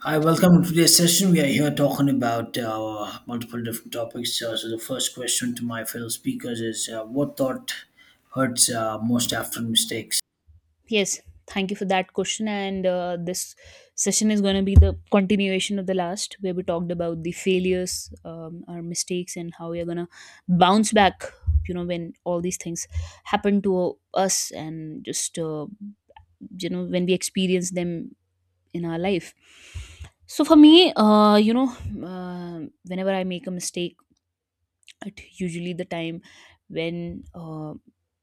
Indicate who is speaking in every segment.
Speaker 1: Hi, welcome to today's session. We are here talking about multiple different topics. The first question to my fellow speakers is what thought hurts most after mistakes?
Speaker 2: Yes, thank you for that question. And this session is going to be the continuation of the last, where we talked about the failures, our mistakes, and how we are going to bounce back. You know, when all these things happen to us, and just when we experience them in our life. So for me, whenever I make a mistake at usually the time when uh,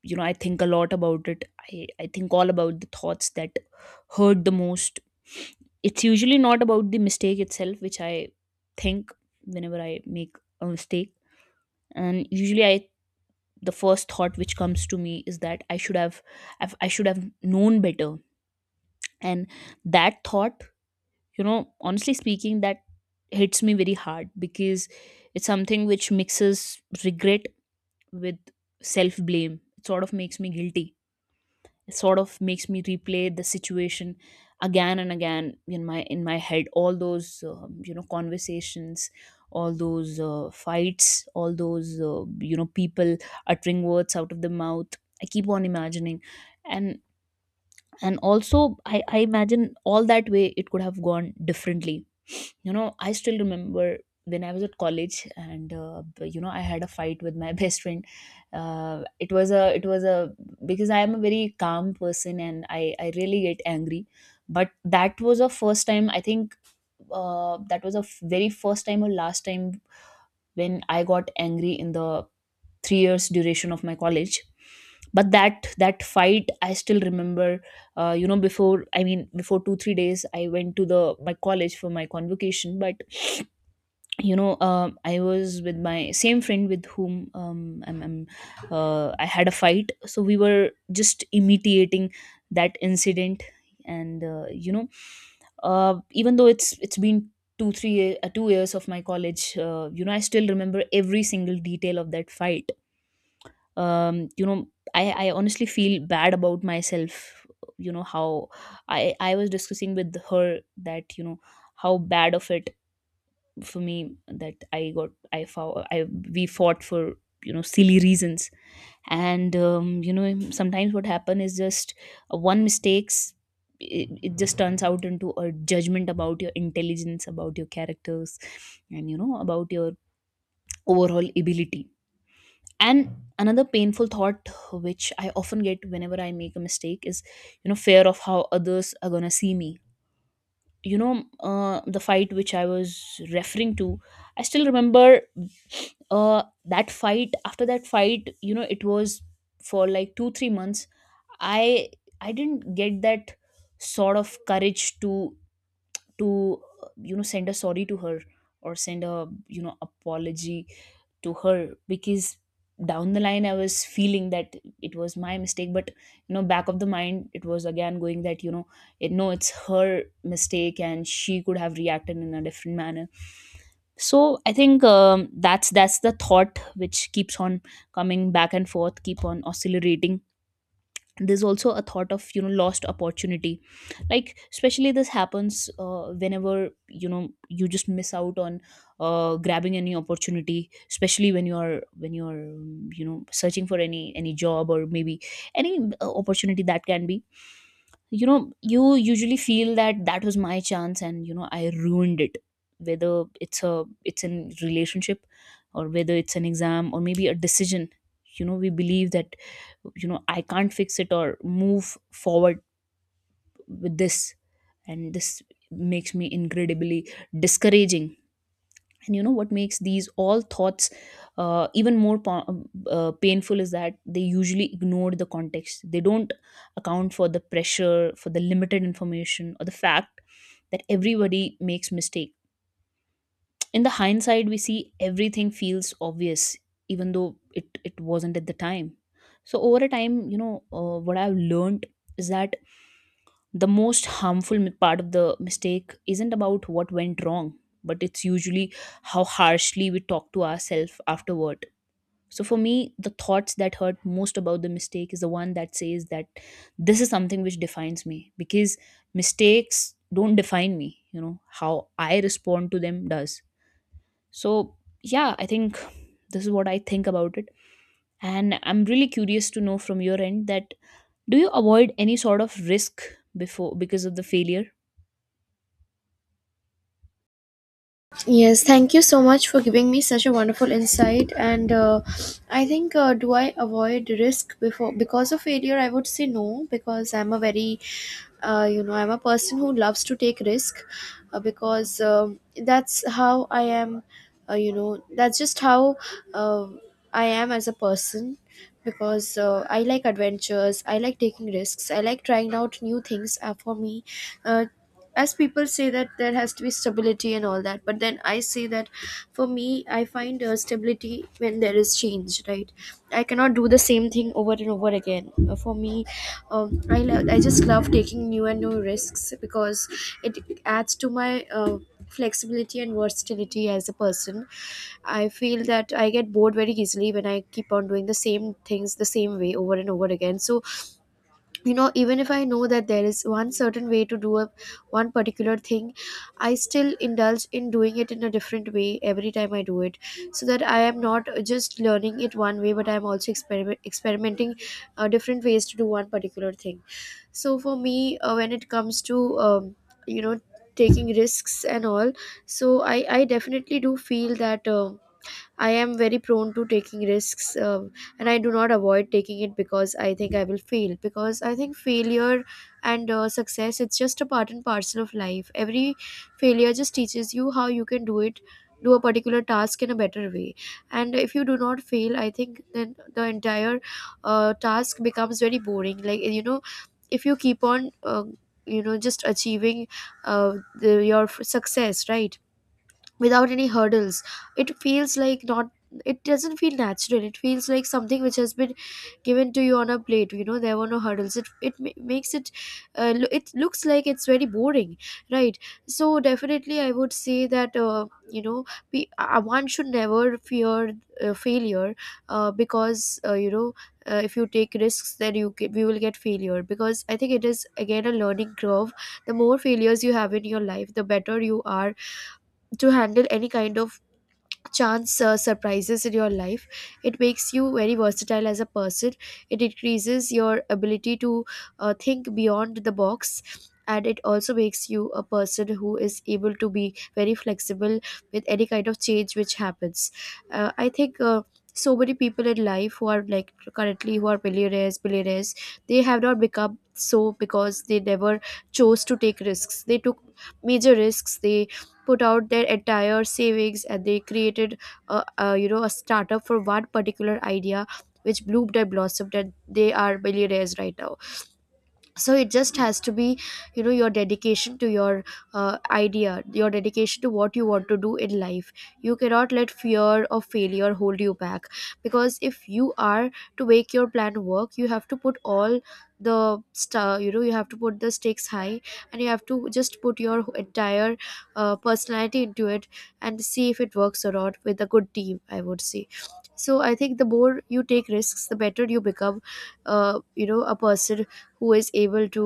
Speaker 2: you know I think a lot about it. I think all about the thoughts that hurt the most. It's usually not about the mistake itself, which I think, whenever I make a mistake. And usually, I, the first thought which comes to me is that I should have known better. And that thought, honestly speaking, that hits me very hard because it's something which mixes regret with self blame. It sort of makes me guilty. It sort of makes me replay the situation again and again in my head. All those conversations, all those fights, all those people uttering words out of the mouth. I keep on imagining, and and also I imagine all that way it could have gone differently. You know, I still remember when I was at college, and I had a fight with my best friend. It was a Because I am a very calm person and I really get angry. But that was a first time, I think. That was a very first time or last time when I got angry in the 3 years duration of my college. But that fight I still remember. Before, I mean, before 2 3 days I went to the, my college for my convocation. But I was with my same friend, with whom, I had a fight. So we were just immediating that incident. And even though it's been 2 years of my college, I still remember every single detail of that fight. Um, you know I, I honestly feel bad about myself. You know how I was discussing with her that, how bad of it for me that I got I fought I we fought for silly reasons. And sometimes what happen is just one mistakes. It just turns out into a judgment about your intelligence, about your characters, and about your overall ability. And another painful thought which I often get whenever I make a mistake is, fear of how others are going to see me. You know, the fight which I was referring to, I still remember. That fight, after that fight, it was for like 2 3 months. I i didn't get that sort of courage to send a sorry to her, or send a, apology to her. Because down the line, I was feeling that it was my mistake. But back of the mind, it was again going that, it, no, it's her mistake and she could have reacted in a different manner. So I think, that's the thought which keeps on coming back and forth, keep on oscillating. There's also a thought of, lost opportunity. Like, especially this happens whenever, you just miss out on grabbing any opportunity, especially when you're searching for any job, or maybe any opportunity that can be, you usually feel that that was my chance and, I ruined it. Whether it's in relationship, or whether it's an exam, or maybe a decision, we believe that, I can't fix it or move forward with this. And this makes me incredibly discouraging. And you know what makes these all thoughts even more painful is that they usually ignore the context. They don't account for the pressure, for the limited information, or the fact that everybody makes mistake. In the hindsight, we see everything feels obvious, even though it wasn't at the time. So over a time, what I've learned is that the most harmful part of the mistake isn't about what went wrong, but it's usually how harshly we talk to ourselves afterward. So for me, the thoughts that hurt most about the mistake is the one that says that this is something which defines me. Because mistakes don't define me, how I respond to them does. So yeah, I think this is what I think about it. And I'm really curious to know from your end that, do you avoid any sort of risk before because of the failure?
Speaker 3: Yes, thank you so much for giving me such a wonderful insight. And I think, do I avoid risk before because of failure? I would say no, because I'm a very, I'm a person who loves to take risk, because that's how I am. That's just how uh, I am as a person because I like adventures, I like taking risks, I like trying out new things. For me, uh, as people say that there has to be stability and all that, but then I say that for me, I find stability when there is change, right? I cannot do the same thing over and over again. For me, I just love taking new and new risks because it adds to my flexibility and versatility as a person. I feel that I get bored very easily when I keep on doing the same things the same way over and over again. So even if I know that there is one certain way to do a one particular thing, I still indulge in doing it in a different way every time I do it, so that I am not just learning it one way, but I am also experimenting different ways to do one particular thing. So for me, when it comes to you know taking risks and all, so I definitely do feel that I am very prone to taking risks, and I do not avoid taking it because I think I will fail. Because I think failure and success, it's just a part and parcel of life. Every failure just teaches you how you can do a particular task in a better way. And if you do not fail, I think then the entire task becomes very boring. Like, you know, if you keep on. You know just achieving uh, your success, right, without any hurdles, it feels like not it doesn't feel natural. It feels like something which has been given to you on a plate. You know, there were no hurdles. It it ma- makes it uh, lo- it looks like it's very boring, right? So definitely I would say that, you know one should never fear failure, because, if you take risks then we will get failure, because I think it is again a learning curve. The more failures you have in your life, the better you are to handle any kind of chance surprises in your life. It makes you very versatile as a person. It increases your ability to think beyond the box, and it also makes you a person who is able to be very flexible with any kind of change which happens. I think so many people in life who are like currently who are millionaires, billionaires, they have not become so because they never chose to take risks. They took major risks, they put out their entire savings, and they created a, you know, a startup for one particular idea which bloomed and blossomed, and they are millionaires right now. So it just has to be, you know, your dedication to your idea, your dedication to what you want to do in life. You cannot let fear of failure hold you back, because if you are to make your plan work, you have to put all the star you know, you have to put the stakes high, and you have to just put your entire personality into it, and see if it works or not, with a good team, I would say. So I think the more you take risks, the better you become you know, a person who is able to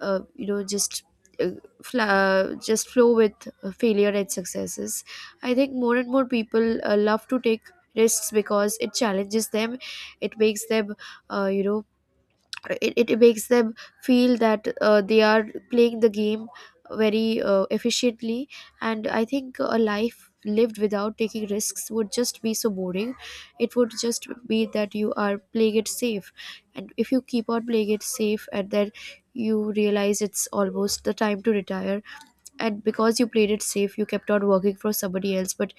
Speaker 3: uh, you know just uh, just flow with failure and successes. I think more and more people love to take risks because it challenges them. It makes them, it makes them feel that they are playing the game very efficiently. And I think a life lived without taking risks would just be so boring. It would just be that you are playing it safe. And if you keep on playing it safe, and then you realize it's almost the time to retire, and because you played it safe you kept on working for somebody else, but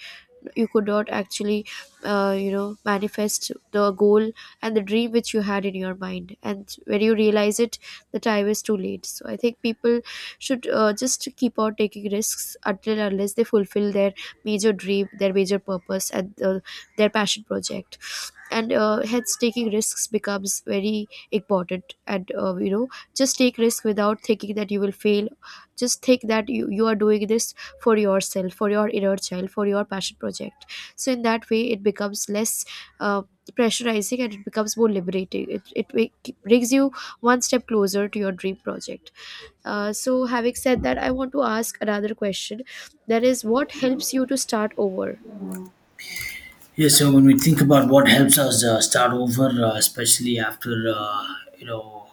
Speaker 3: you could not actually you know, manifest the goal and the dream which you had in your mind, and when you realize it, the time is too late. So I think people should just keep on taking risks until and unless they fulfill their major dream, their major purpose, and their passion project. And hence taking risks becomes very important, and you know, just take risk without thinking that you will fail. Just think that you are doing this for yourself, for your inner child, for your passion project. So in that way, it becomes less uh, pressurizing, and it becomes more liberating. It brings you one step closer to your dream project. So having said that, I want to ask another question. That is, what helps you to start over?
Speaker 1: Yeah, so when we think about what helps us start over, especially after, you know,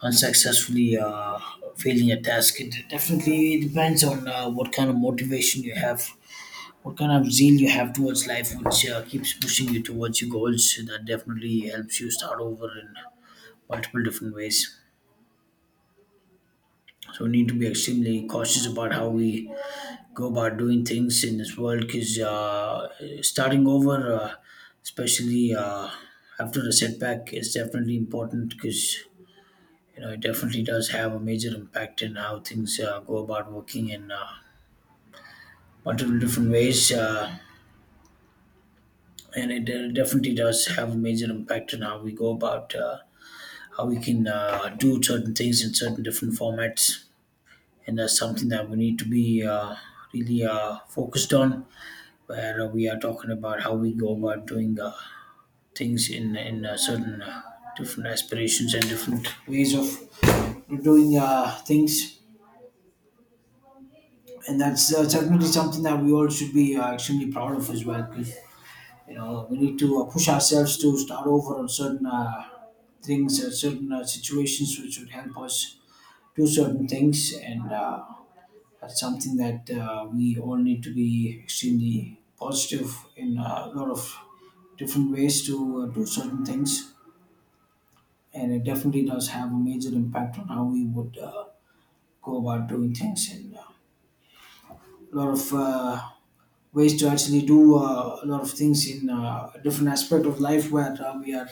Speaker 1: unsuccessfully failing a task, it definitely depends on what kind of motivation you have, what kind of zeal you have towards life, which keeps pushing you towards your goals. That definitely helps you start over and multiple different ways. So we need to be extremely cautious about how we go about doing things in this world because starting over, especially after a setback, is definitely important because you know it definitely does have a major impact in how things go about working in multiple different ways, and it definitely does have a major impact on how we go about how we can do certain things in certain different formats. And that's something that we need to be really focused on where we are talking about how we go about doing things in certain different aspirations and different ways of doing things, and that's certainly something that we all should be extremely proud of as well, 'cause you know we need to push ourselves to start over on certain things, certain situations which would help us do certain things. And That's something that we all need to be extremely positive in a lot of different ways to do certain things. And it definitely does have a major impact on how we would go about doing things and a lot of ways to actually do a lot of things in a different aspect of life where we are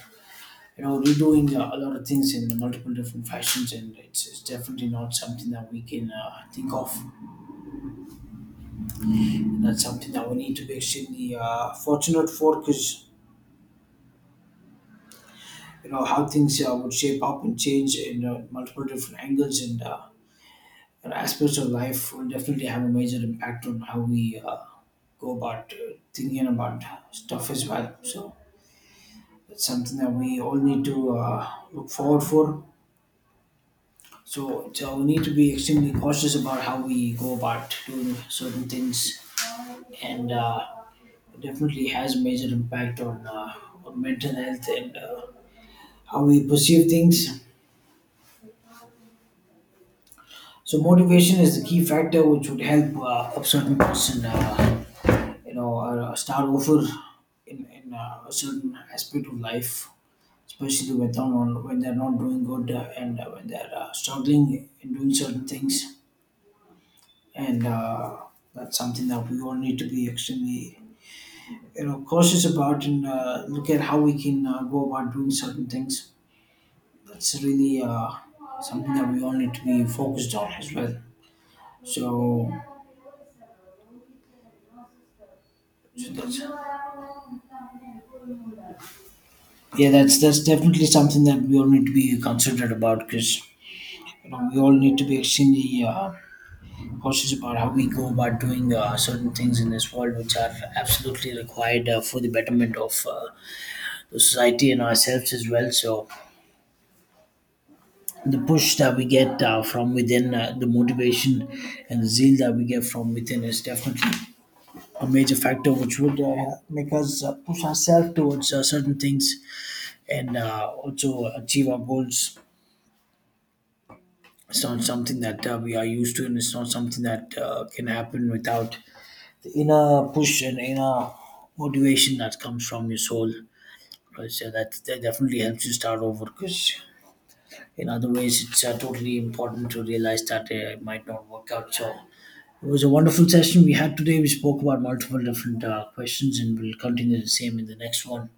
Speaker 1: you know redoing a lot of things in multiple different fashions, and it's definitely not something that we can think of. That's something that we need to be extremely fortunate for, because you know how things would shape up and change in multiple different angles and aspects of life will definitely have a major impact on how we go about thinking about stuff as well. So that's something that we all need to look forward for. So we need to be extremely cautious about how we go about doing certain things, and it definitely has a major impact on mental health and how we perceive things. So motivation is the key factor which would help a certain person, start over in, in a certain aspect of life, especially when they're not doing good and when they're struggling in doing certain things. And That's something that we all need to be extremely, you know, cautious about and look at how we can go about doing certain things. That's really something that we all need to be focused on as well. So yeah, that's definitely something that we all need to be considerate about, because you know we all need to be extremely cautious about how we go about doing certain things in this world, which are absolutely required for the betterment of the society and ourselves as well. So the push that we get from within, the motivation and the zeal that we get from within is definitely a major factor which would make us push ourselves towards certain things and also achieve our goals. It's not something that we are used to, and it's not something that can happen without the inner push and inner motivation that comes from your soul. Because that definitely helps you start over. Because in other ways, it's totally important to realize that it might not work out. So it was a wonderful session we had today. We spoke about multiple different questions, and we'll continue the same in the next one.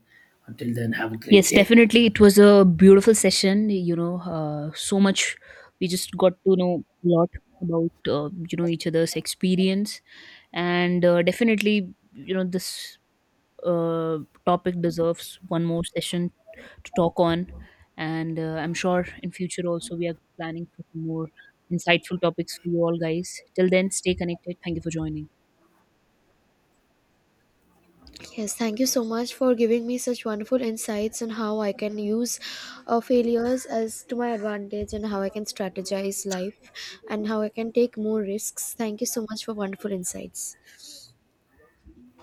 Speaker 1: Until then, have a great
Speaker 2: Yes,
Speaker 1: day.
Speaker 2: definitely. It was a beautiful session. You know, so much we just got to know a lot about each other's experience, and definitely, this uh, topic deserves one more session to talk on. And I'm sure in future also we are planning for some more insightful topics for you all guys. Till then, stay connected. Thank you for joining.
Speaker 3: Yes, thank you so much for giving me such wonderful insights on how I can use failures as to my advantage, and how I can strategize life, and how I can take more risks. Thank you so much for wonderful insights.